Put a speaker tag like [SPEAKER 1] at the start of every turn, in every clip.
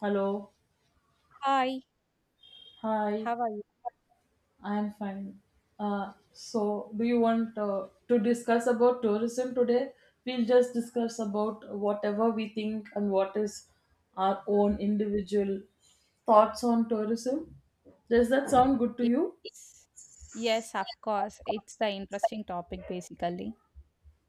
[SPEAKER 1] Hello.
[SPEAKER 2] Hi,
[SPEAKER 1] Hi.
[SPEAKER 2] how are you?
[SPEAKER 1] I am fine. So, do you want to discuss about tourism today? We'll just discuss about whatever we think and what is our own individual thoughts on tourism. Does that sound good to you?
[SPEAKER 2] Yes, yes, of course. It's the interesting topic basically.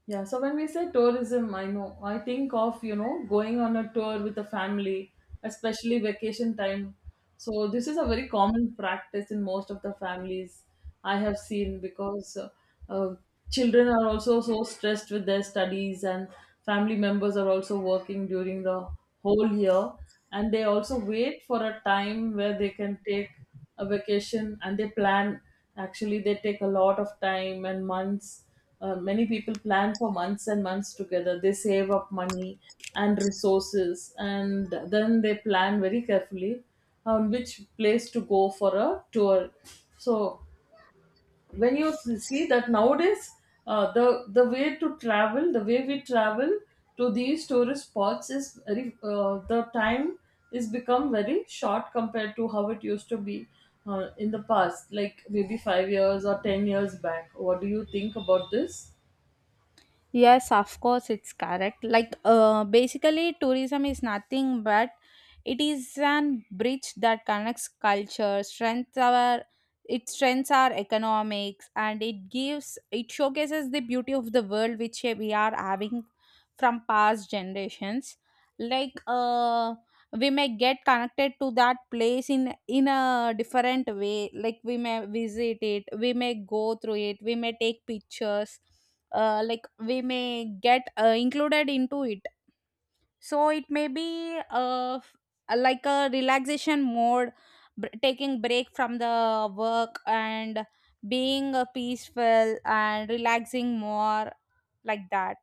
[SPEAKER 1] Yeah, so when we say tourism, I know I think of going on a tour with a family, especially vacation time. So this is a very common practice in most of the families I have seen because uh, children are also so stressed with their studies and family members are also working during the whole year, and they also wait for a time where they can take a vacation and they plan. Actually, they take a lot of time and months. Many people plan for months and months together. They save up money and resources, and then they plan very carefully on which place to go for a tour. So when you see that nowadays, uh, the the way to travel, the way we travel to these tourist spots is very. The time is become very short compared to how it used to be in the past, like maybe 5 years or 10 years back. What do you think about this?
[SPEAKER 2] Yes, of course, it's correct. Like, basically, tourism is nothing but it is an bridge that connects culture, strengths our it strengths our economics, and it showcases the beauty of the world which we are having from past generations. Like, we may get connected to that place in a different way. Like, we may visit it, we may go through it, we may take pictures, like we may get included into it, so it may be like a relaxation mode, taking break from the work, and being peaceful and relaxing more like that.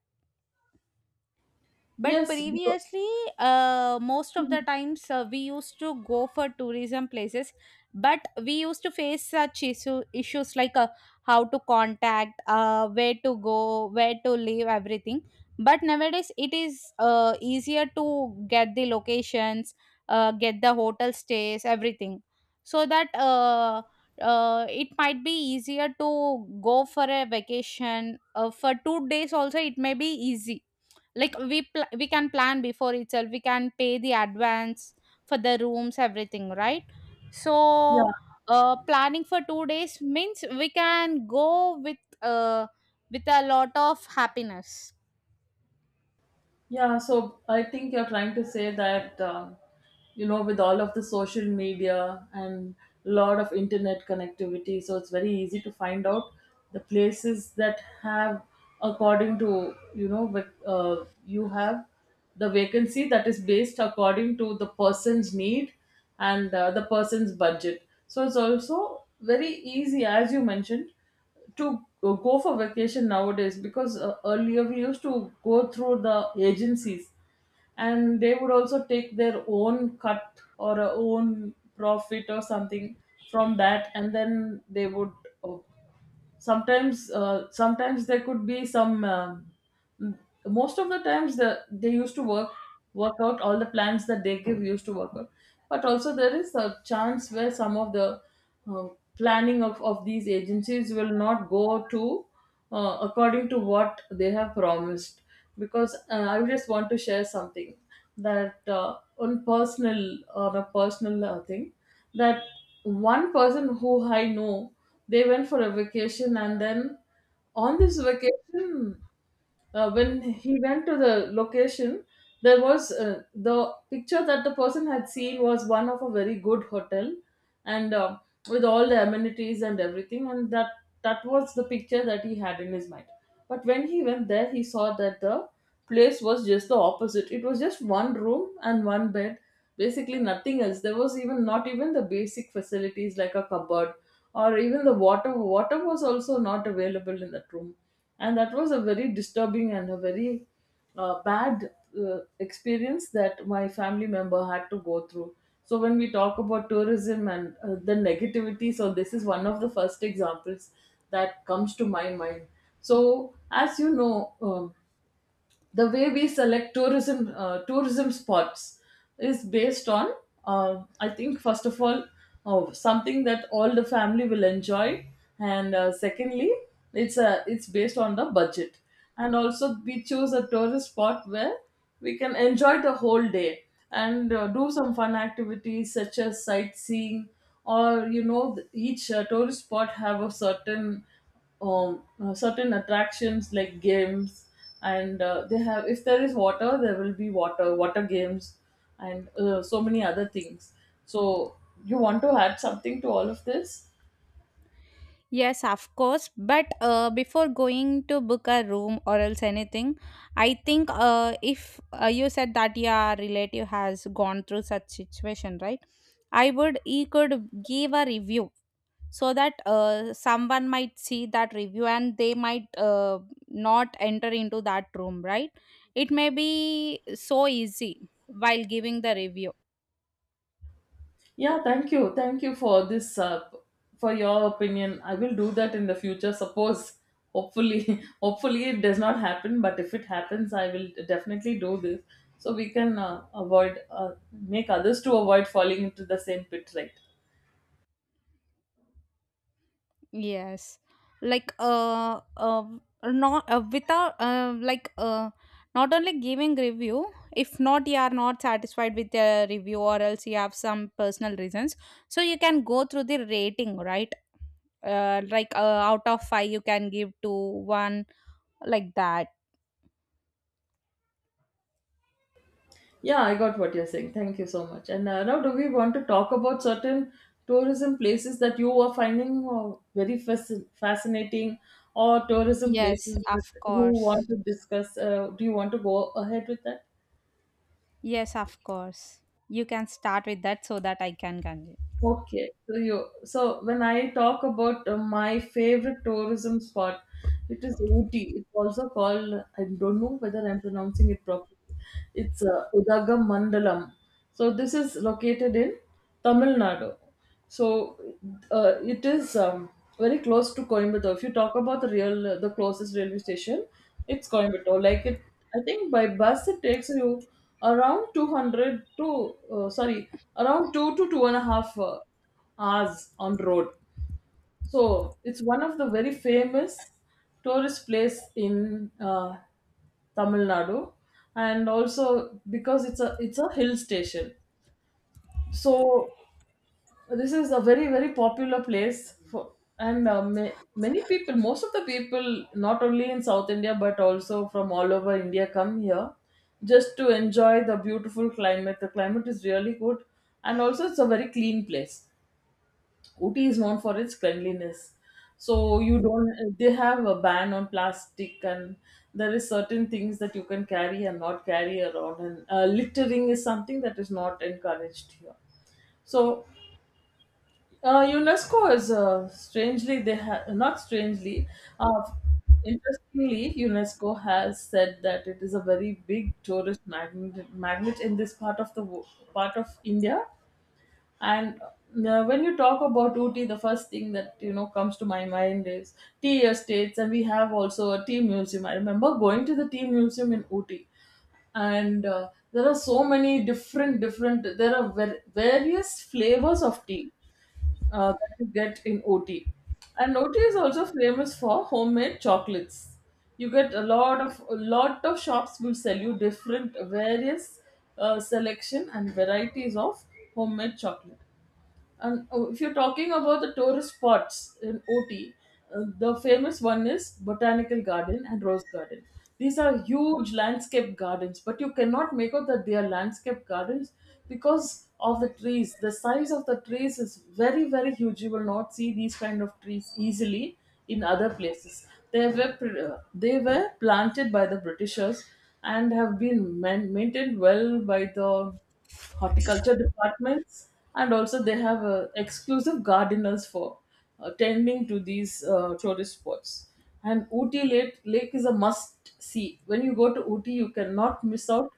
[SPEAKER 2] But
[SPEAKER 1] Yes,
[SPEAKER 2] previously, most of the times we used to go for tourism places, but we used to face such issues like, how to contact, where to go, where to live, everything. But nowadays, it is easier to get the locations, get the hotel stays, everything, so that it might be easier to go for a vacation. For 2 days also, it may be easy. Like, we can plan before itself, we can pay the advance for the rooms, everything, right? So,
[SPEAKER 1] yeah,
[SPEAKER 2] planning for 2 days means we can go with, a lot of happiness.
[SPEAKER 1] yeah. So I think you're trying to say that, with all of the social media and a lot of internet connectivity, so it's very easy to find out the places that have, according to, you know, with, you have the vacancy that is based according to the person's need and the person's budget. So it's also very easy, as you mentioned, to go for vacation nowadays, because earlier we used to go through the agencies, and they would also take their own cut or a own profit or something from that, and then they would uh, sometimes there could be some m- most of the times they used to work out all the plans that they give used to work out. But also there is a chance where some of the uh, planning of these agencies will not go to, according to what they have promised. Because I just want to share something, that on a personal thing, that one person who I know, they went for a vacation, and then on this vacation when he went to the location, there was, the picture that the person had seen was one of a very good hotel and with all the amenities and everything, and that was the picture that he had in his mind. But when he went there he saw that the place was just the opposite. It was just one room and one bed, basically nothing else. There was even not even the basic facilities like a cupboard, or even the water was also not available in that room. And that was a very disturbing and a very bad experience that my family member had to go through. So when we talk about tourism and the negativity, so this is one of the first examples that comes to my mind. So as you know, the way we select tourism spots is based on, I think, first of all, oh, something that all the family will enjoy, and secondly, it's based on the budget, and also we choose a tourist spot where we can enjoy the whole day and do some fun activities such as sightseeing, or each tourist spot have a certain attractions like games, and they have, if there is water, there will be water games, and so many other things. So you want to add something to all of this?
[SPEAKER 2] Yes, of course. But before going to book a room or else anything, I think, if, you said that your relative has gone through such situation, right? I would He could give a review so that someone might see that review and they might not enter into that room, right? It may be so easy while giving the review.
[SPEAKER 1] Yeah, thank you, for this, for your opinion. I will do that in the future. Suppose hopefully hopefully it does not happen, but if it happens I will definitely do this so we can avoid, make others to avoid falling into the same pit, right?
[SPEAKER 2] Yes, like, not, without, like, not only giving review. If not, you are not satisfied with the review or else you have some personal reasons, so you can go through the rating, right? Like, out of 5 you can give to 1, like that.
[SPEAKER 1] Yeah, I got what you're saying. Thank you so much. And now, do we want to talk about certain tourism places that you are finding very fascinating, or tourism
[SPEAKER 2] Yes,
[SPEAKER 1] places
[SPEAKER 2] of
[SPEAKER 1] that you
[SPEAKER 2] course.
[SPEAKER 1] want to discuss? Do you want to go ahead with that?
[SPEAKER 2] Yes, of course. You can start with that so that I can continue.
[SPEAKER 1] Okay, so when I talk about my favorite tourism spot, it is Ooty. It's also called, I don't know whether I'm pronouncing it properly, it's Udaga Mandalam. So this is located in Tamil Nadu. So it is very close to Coimbatore. If you talk about the closest railway station, it's Coimbatore. Like it, I think by bus it takes you around 200 to, sorry, around two to two and a half hours on road. So it's one of the very famous tourist place in Tamil Nadu, and also because it's a hill station. So this is a very, very popular place for and uh, ma- many people. Most of the people not only in South India but also from all over India come here just to enjoy the beautiful climate. The climate is really good, and also it's a very clean place. Ooty is known for its cleanliness. So, you don't, they have a ban on plastic, and there is certain things that you can carry and not carry around, and littering is something that is not encouraged here. So UNESCO is, strangely, they have, not strangely, uh, interestingly, UNESCO has said that it is a very big tourist magnet in this part of India, and when you talk about Ooty, the first thing that comes to my mind is tea estates, and we have also a tea museum. I remember going to the tea museum in Ooty, and there are so many different, there are various flavors of tea that you get in OT. And OT is also famous for homemade chocolates. You get a lot of, shops will sell you different, various selection and varieties of homemade chocolate. And if you're talking about the tourist spots in OT, the famous one is Botanical Garden and Rose Garden. These are huge landscape gardens, but you cannot make out that they are landscape gardens because of the trees. The size of the trees is very, very huge. You will not see these kind of trees easily in other places. They were planted by the Britishers and have been maintained well by the horticulture departments, and also they have exclusive gardeners for tending to these tourist spots. And Ooty Lake, is a must see. When you go to Ooty you cannot miss out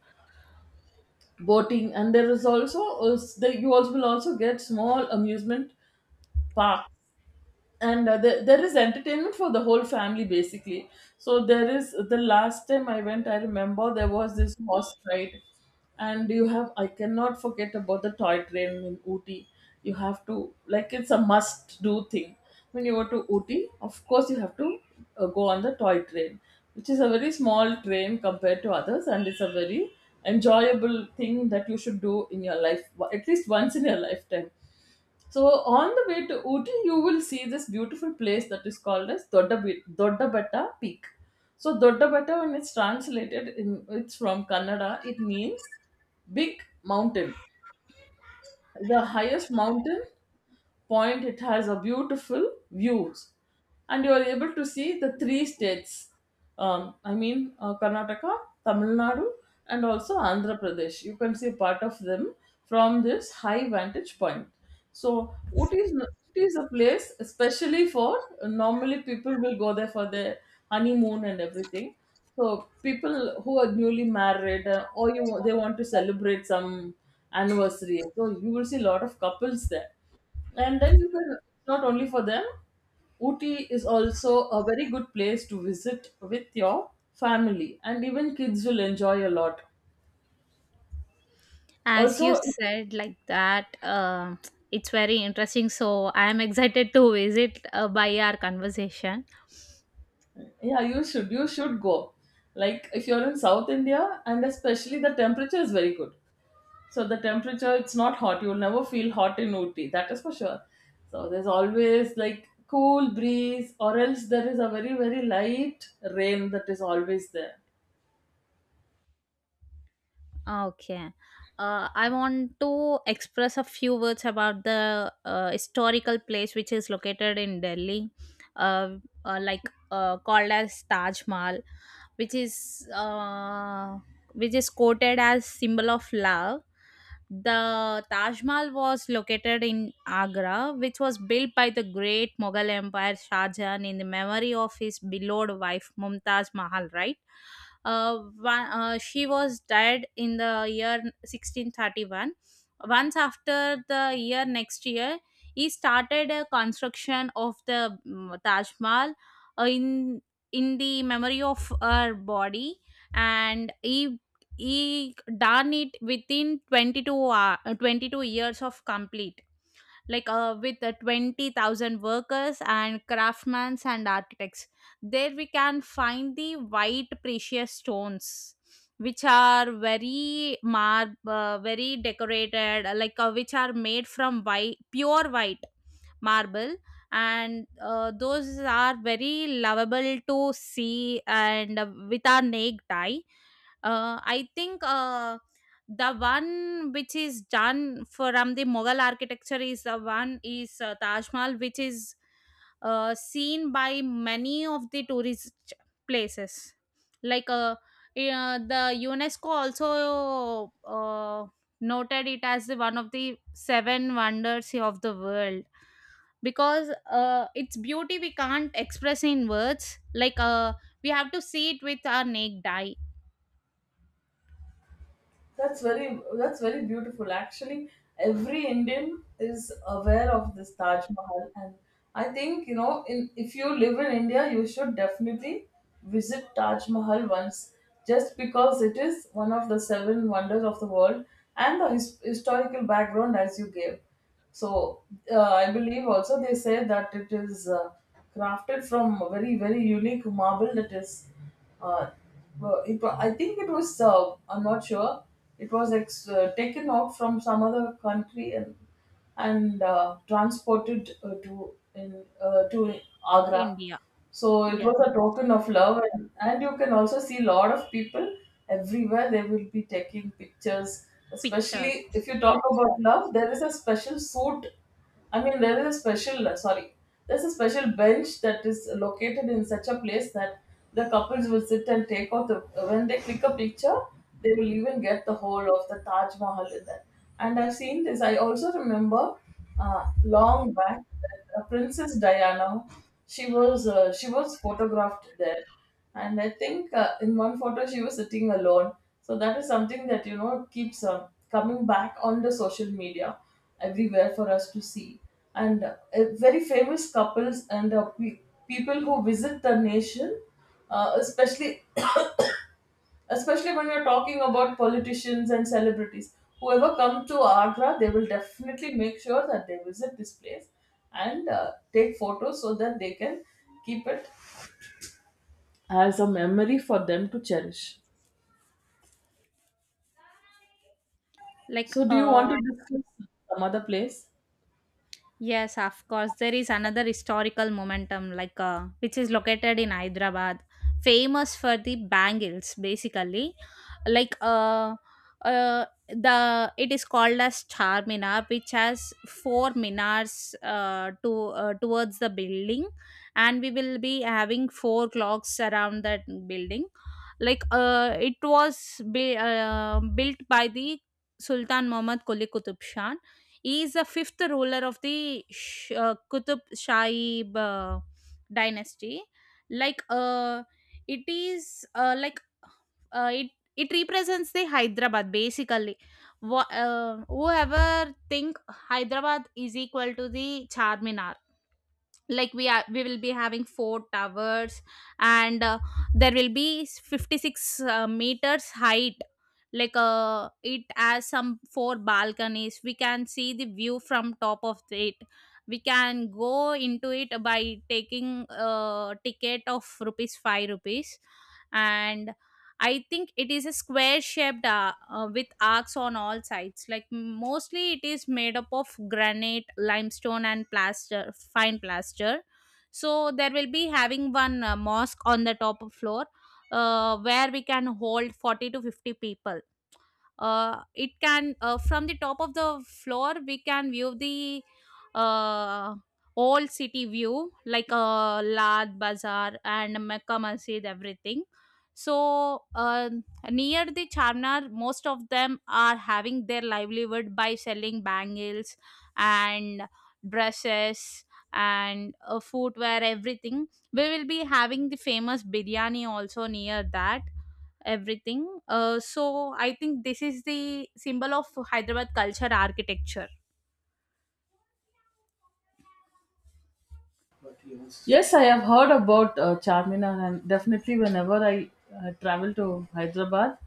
[SPEAKER 1] boating, and there is also you also will also get small amusement park, and there is entertainment for the whole family basically. So, the last time I went, I remember there was this horse ride, and you have I cannot forget about the toy train in Ooty. You have to, like, it's a must do thing. When you go to Ooty, of course you have to go on the toy train, which is a very small train compared to others, and it's a very enjoyable thing that you should do in your life, at least once in your lifetime. So on the way to Ooty, you will see this beautiful place that is called as Doddabetta Peak. So Doddabetta, when it's translated, it's from Kannada, it means big mountain. The highest mountain point, it has a beautiful views, and you are able to see the three states. I mean, Karnataka, Tamil Nadu, and also Andhra Pradesh. You can see part of them from this high vantage point. So, what is Ooty is a place especially for, normally people will go there for their honeymoon and everything. So people who are newly married or you they want to celebrate some anniversary. So you will see a lot of couples there. And then you can, not only for them, Ooty is also a very good place to visit with your family, and even kids will enjoy a lot.
[SPEAKER 2] As you
[SPEAKER 1] Also,
[SPEAKER 2] said, like that, it's very interesting. So I am excited to visit, by our conversation.
[SPEAKER 1] yeah, you should go. Like if you're in South India, and especially the temperature is very good. So the temperature, it's not hot. You'll never feel hot in Ooty. That is for sure. So there's always like cool breeze, or else there is a very, very light rain that is always there.
[SPEAKER 2] Ah, okay. I want to express a few words about the, historical place which is located in Delhi, uh, like, called as Taj Mahal, which is uh, which is quoted as symbol of love. The Taj Mahal was located in Agra, which was built by the great Mughal Empire Shah Jahan in the memory of his beloved wife Mumtaz Mahal, right? She was died in the year 1631. Once after the year next year, he started a construction of the, Taj Mahal, in the memory of her body, and he done it within 22 hour, 22 years of complete, like, with, 20,000 workers and craftsmen and architects. There we can find the white precious stones, which are very, very decorated, like, which are made from white pure white marble, and those are very lovable to see, and with our naked eye. I think, the one which is done from the Mughal architecture is the one is, Taj Mahal, which is seen by many of the tourist places. Like, yeah, the UNESCO also noted it as the one of the seven wonders of the world because, its beauty we can't express in words. Like, we have to see it with our naked eye
[SPEAKER 1] That's very beautiful. Actually, every Indian is aware of this Taj Mahal, and I think you know, in if you live in India, you should definitely visit Taj Mahal once, just because it is one of the seven wonders of the world, and the historical background as you gave. So I believe also they say that it is crafted from a very, very unique marble that is uh, well, I think it was, I'm not sure, it was taken out from some other country, and transported to
[SPEAKER 2] in
[SPEAKER 1] Agra.
[SPEAKER 2] India.
[SPEAKER 1] So it
[SPEAKER 2] Yes,
[SPEAKER 1] was a
[SPEAKER 2] yes.
[SPEAKER 1] token of love, and you can also see a lot of people everywhere. They will be taking pictures,
[SPEAKER 2] Pictures.
[SPEAKER 1] especially if you talk about love. There is a special suit. I mean, there is a special, sorry, there's a special bench that is located in such a place that the couples will sit and take out when they click a picture, they will even get the whole of the Taj Mahal in that. And I've seen this. I also remember long back that Princess Diana, she was photographed there, and I think in one photo she was sitting alone. So that is something that keeps coming back on the social media everywhere for us to see. And very famous couples and people who visit the nation, especially especially when you're talking about politicians and celebrities. Whoever come to Agra, they will definitely make sure that they visit this place and take photos so that they can keep it as a memory for them to cherish.
[SPEAKER 2] Like
[SPEAKER 1] So, do you want to
[SPEAKER 2] uh
[SPEAKER 1] discuss some other place?
[SPEAKER 2] Yes, of course. There is another historical momentum, like, which is located in Hyderabad, famous for the bangles, basically. Like, the it is called as Charminar, which has four minars, to towards the building, and we will be having four clocks around that building. Like, it was built by the Sultan Muhammad Quli Qutub Shah. He is the fifth ruler of the Qutub Shaib dynasty. Like, it is, uh, it it represents the Hyderabad basically. Whoever think Hyderabad is equal to the Charminar. Like, we will be having four towers, and there will be 56 meters height. Like, it has some four balconies, we can see the view from top of it. We can go into it by taking a ticket of rupees 5 rupees. And I think it is a square shaped, with arcs on all sides. Like, mostly it is made up of granite, limestone, and plaster, fine plaster. So there will be having one, mosque on the top of floor, where we can hold 40 to 50 people. It can From the top of the floor, we can view the, uh, old city view, like, Lad Bazaar and Mecca Masjid, everything. So, near the Charminar, most of them are having their livelihood by selling bangles and dresses and, footwear, everything. We will be having the famous biryani also near that, everything. So I think this is the symbol of Hyderabad culture architecture.
[SPEAKER 1] Yes, I have heard about Charminar, and definitely whenever I travel to Hyderabad,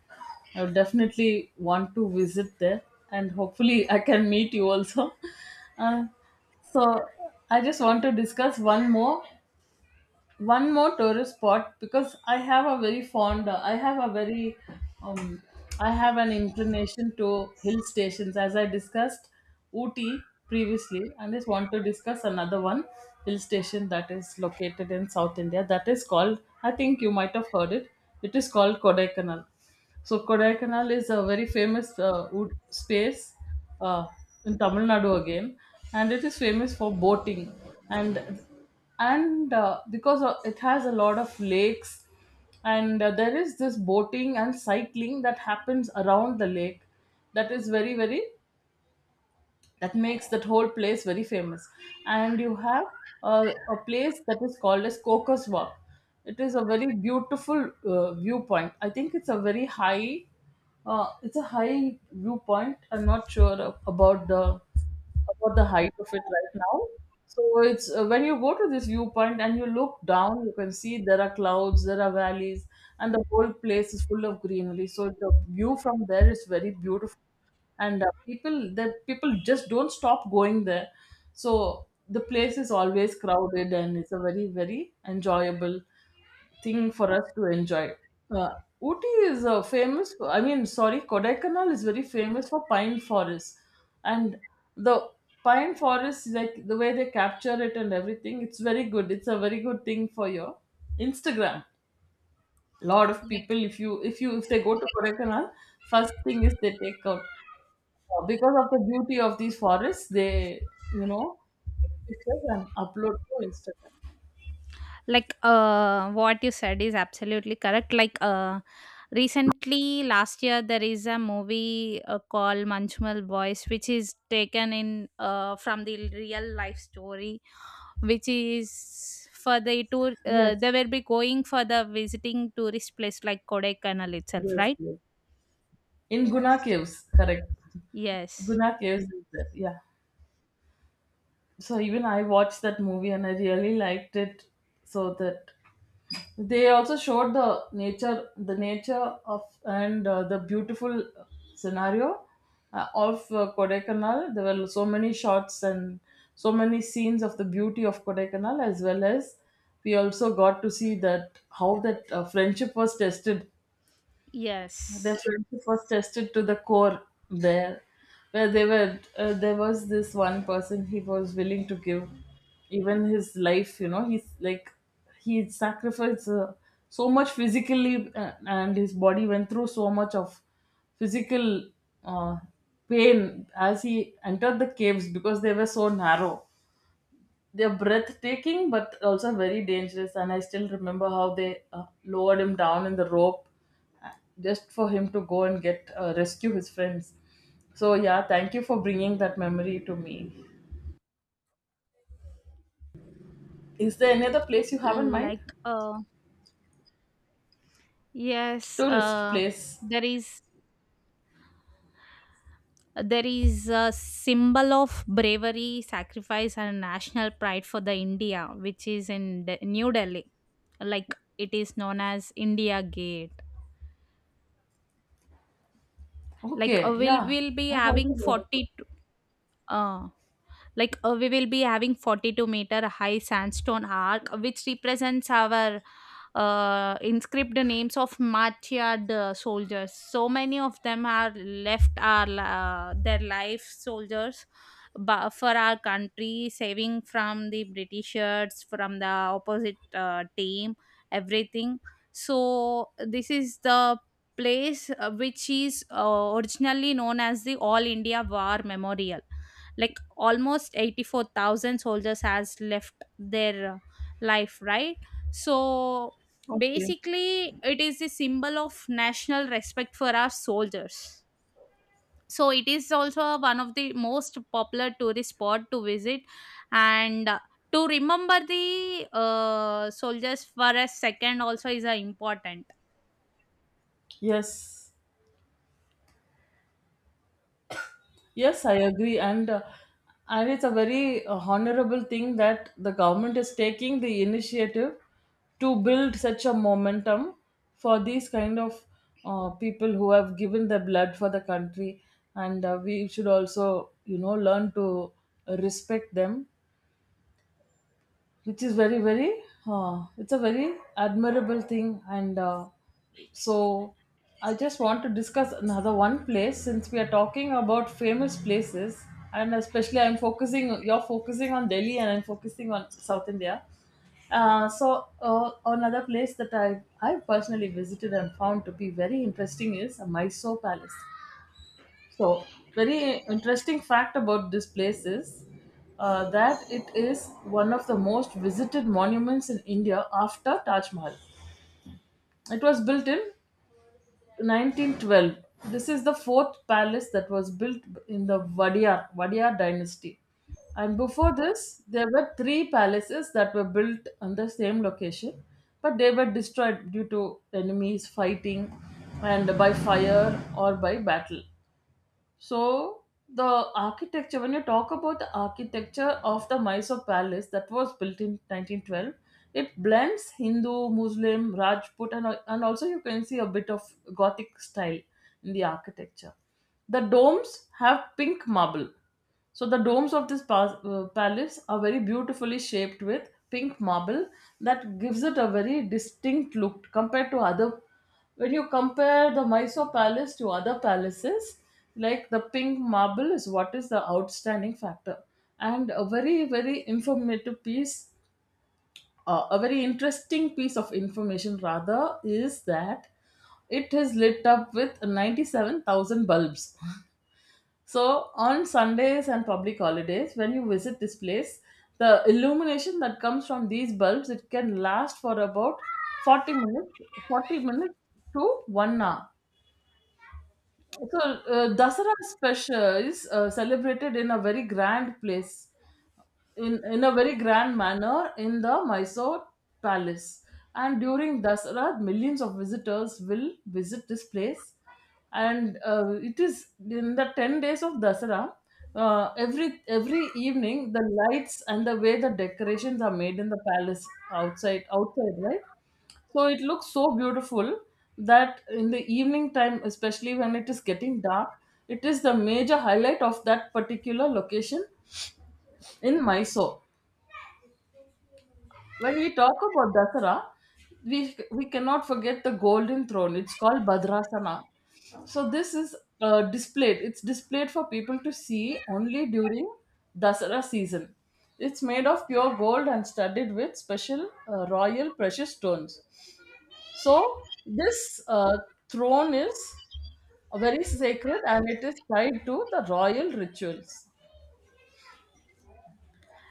[SPEAKER 1] I would definitely want to visit there, and hopefully I can meet you also. Uh, so I just want to discuss one more tourist spot because um, I have an inclination to hill stations as I discussed Ooty previously. I just want to discuss another one hill station that is located in South India that is called, I think you might have heard it, it is called Kodaikanal. So Kodaikanal is a very famous wood space uh, in Tamil Nadu again, and it is famous for boating and and because it has a lot of lakes, and there is this boating and cycling that happens around the lake, that is very very that makes that whole place very famous. And you have a place that is called as Cocos Walk. It is a very beautiful viewpoint. I think it's a very high, it's a high viewpoint. I'm not sure about the height of it right now. So it's when you go to this viewpoint and you look down, you can see there are clouds, there are valleys, and the whole place is full of greenery. So the view from there is very beautiful, and people the people just don't stop going there. So the place is always crowded, and it's a very, very enjoyable thing for us to enjoy. Uh, Ooty is famous. I mean, sorry, Kodaikanal is very famous for pine forests, and the pine forests, like the way they capture it and everything, it's very good. It's a very good thing for your Instagram. Lot of
[SPEAKER 2] like
[SPEAKER 1] people, if you if you if they go to Kodaikanal, first thing is they take out because of the beauty of these forests, they you know take pictures and upload to Instagram.
[SPEAKER 2] like, what you said is absolutely correct. Like, recently last year, there is a movie called manchmal boys, which is taken in, from the real life story, which is for the tour.
[SPEAKER 1] Yes,
[SPEAKER 2] They will be going for the visiting tourist place like kodaikanal itself,
[SPEAKER 1] yes,
[SPEAKER 2] right?
[SPEAKER 1] yes. In Guna
[SPEAKER 2] Yes.
[SPEAKER 1] Caves, correct.
[SPEAKER 2] Yes,
[SPEAKER 1] Guna Caves is there. Yeah. So even I watched that movie and I really liked it. So that they also showed the nature of and the beautiful scenario of Kodaikanal. There were so many shots and so many scenes of the beauty of Kodaikanal, as well as we also got to see that how that friendship was tested. Their
[SPEAKER 2] yes,
[SPEAKER 1] friendship was tested to the core there, where they were. There was this one person, he was willing to give even his life. He's like he sacrificed so much physically, and his body went through so much of physical uh, pain as he entered the caves because they were so narrow. They're breathtaking but also very dangerous, and I still remember how they lowered him down in the rope, uh, just for him to go and get rescue his friends. So, yeah, thank you for bringing that memory to me. Is there any other place you have in mind?
[SPEAKER 2] like, yes
[SPEAKER 1] Tourist
[SPEAKER 2] uh
[SPEAKER 1] place?
[SPEAKER 2] there is there is a symbol of bravery, sacrifice and national pride for the india, which is in new delhi. Like, it is known as india gate. Like, uh,
[SPEAKER 1] Okay,
[SPEAKER 2] we'll
[SPEAKER 1] yeah.
[SPEAKER 2] we'll be
[SPEAKER 1] I've also
[SPEAKER 2] having
[SPEAKER 1] heard about
[SPEAKER 2] 42. uh like, we will be having 42-meter high sandstone arc, which represents our, inscribed names of martyred, soldiers. So many of them are left our their life, soldiers, for our country, saving from the britishers from the opposite, team, everything. So this is the place, which is, originally known as the all india war memorial. Like, almost 84,000 soldiers has left their, life, right? So
[SPEAKER 1] it. Okay.
[SPEAKER 2] basically it is a symbol of national respect for our soldiers. So it is also one of the most popular tourist spot to visit, and, to remember the, soldiers for a second also is, important.
[SPEAKER 1] Yes. Yes, I agree, and it's a very honorable thing that the government is taking the initiative to build such a momentum for these kind of people who have given their blood for the country, and we should also, learn to respect them, which is very, very, it's a very admirable thing. And so I just want to discuss another one place since we are talking about famous places, and especially I'm focusing you're focusing on Delhi and I'm focusing on South India. So another place that I personally visited and found to be very interesting is Mysore Palace. So, very interesting fact about this place is that it is one of the most visited monuments in India after Taj Mahal. It was built in 1912. This is the fourth palace that was built in the Wadiyar dynasty. And before this, there were three palaces that were built on the same location, but they were destroyed due to enemies fighting and by fire or by battle. So the architecture, when you talk about the architecture of the Mysore Palace that was built in 1912, it blends Hindu, Muslim, Rajput, and also you can see a bit of Gothic style in the architecture. The domes have pink marble, so the domes of this palace are very beautifully shaped with pink marble that gives it a very distinct look compared to other. When you compare the Mysore Palace to other palaces, like the pink marble is what is the outstanding factor. And a very interesting piece of information rather is that it is lit up with 97,000 bulbs. So on Sundays and public holidays, when you visit this place, the illumination that comes from these bulbs, it can last for about 40 minutes, 40 minutes to 1 hour. So Dasara special is celebrated in a very grand place, in a very grand manner in the Mysore palace. And during Dasara, millions of visitors will visit this place. And it is in the 10 days of Dasara, every evening, the lights and the way the decorations are made in the palace outside, outside, right? So it looks so beautiful that in the evening time, especially when it is getting dark, it is the major highlight of that particular location in Mysore. When we talk about Dasara, we cannot forget the golden throne. It's called Badrasana. So this is displayed. It's displayed for people to see only during Dasara season. It's made of pure gold and studded with special royal precious stones. So this throne is very sacred and it is tied to the royal rituals.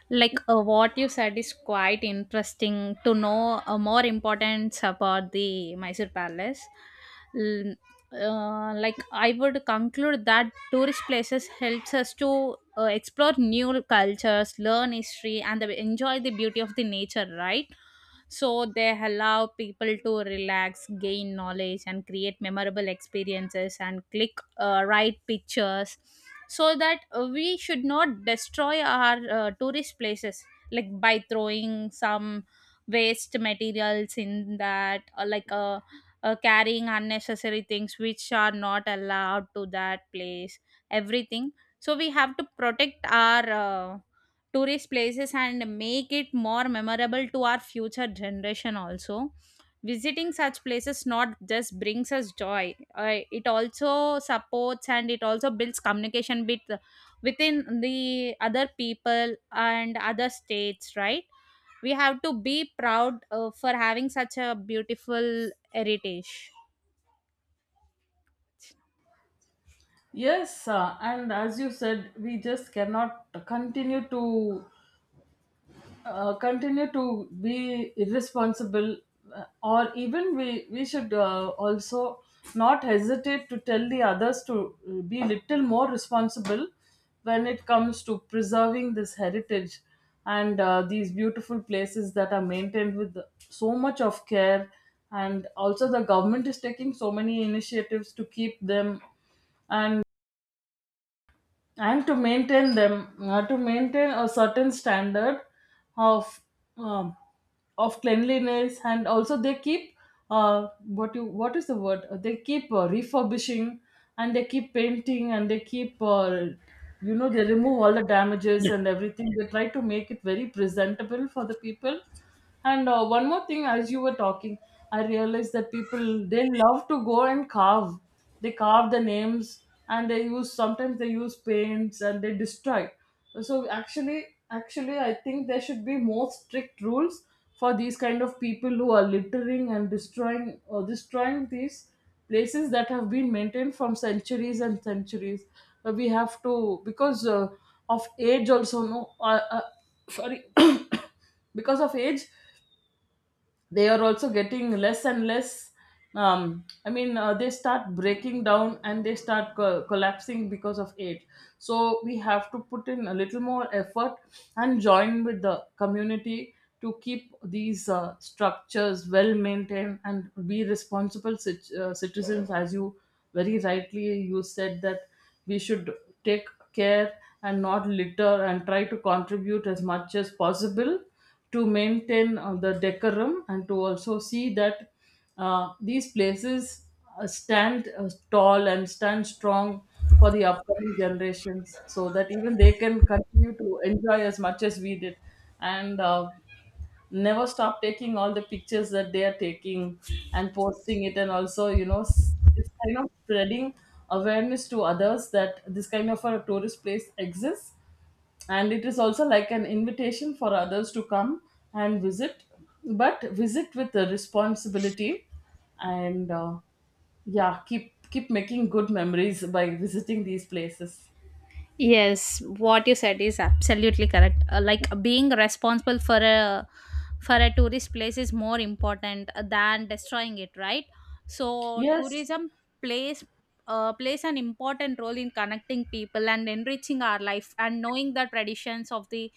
[SPEAKER 2] Like, what you said is quite interesting to know, more importance about the Mysore Palace. L- like, I would conclude that tourist places helps us to, explore new cultures, learn history, and enjoy the beauty of the nature. Right? So they allow people to relax, gain knowledge, and create memorable experiences and click, right pictures, so that, we should not destroy our, tourist places, like by throwing some waste materials in that, or, like, carrying unnecessary things which are not allowed to that place, everything. So we have to protect our, tourist places and make it more memorable to our future generation also. Visiting such places not just brings us joy, it also supports and it also builds communication within the other people and other states, right? We have to be proud, for having such a beautiful heritage.
[SPEAKER 1] Yes, and as you said, we just cannot continue to continue to be irresponsible, or even we should also not hesitate to tell the others to be little more responsible when it comes to preserving this heritage, and these beautiful places that are maintained with so much of care. And also the government is taking so many initiatives to keep them, and and to maintain them, to maintain a certain standard of um, of cleanliness. And also they keep what is the word? They keep refurbishing, and they keep painting, and they keep they remove all the damages and everything. They try to make it very presentable for the people. And one more thing, as you were talking, I realized that people, they love to go and carve, they carve the names and they use, sometimes they use paints, and they destroy. So actually, I think there should be more strict rules for these kind of people who are littering and destroying these places that have been maintained from centuries and centuries. We have to, because of age also, no. Sorry, because of age, they are also getting less and less, I mean, they start breaking down and they start collapsing because of age. So we have to put in a little more effort and join with the community to keep these structures well maintained and be responsible citizens. As you very rightly you said that we should take care and not litter and try to contribute as much as possible to maintain the decorum, and to also see that these places stand tall and stand strong for the upcoming generations, so that even they can continue to enjoy as much as we did. And never stop taking all the pictures that they are taking and posting it, and also it's kind of spreading awareness to others that this kind of a tourist place exists, and it is also like an invitation for others to come and visit, but visit with the responsibility. And yeah, keep making good memories by visiting these places.
[SPEAKER 2] Yes, what you said is absolutely correct. Like, being responsible for a, tourist place is more important than destroying it, right? So
[SPEAKER 1] Yes.
[SPEAKER 2] tourism plays plays an important role in connecting people and enriching our life and knowing the traditions of the,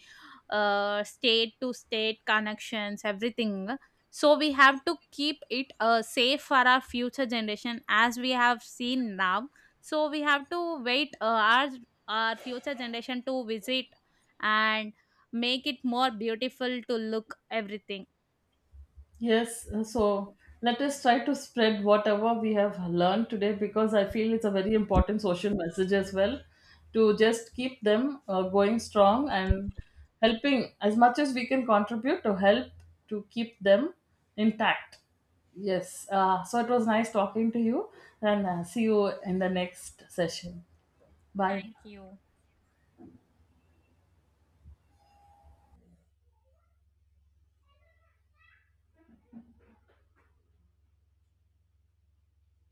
[SPEAKER 2] state to state connections, everything. So we have to keep it, safe for our future generation as we have seen now. So we have to wait, our future generation to visit and make it more beautiful to look, everything.
[SPEAKER 1] Yes, so let us try to spread whatever we have learned today, because I feel it's a very important social message as well, to just keep them going strong and helping as much as we can contribute to help, to keep them intact. Yes, so it was nice talking to you, and see you in the next session. Bye.
[SPEAKER 2] Thank you.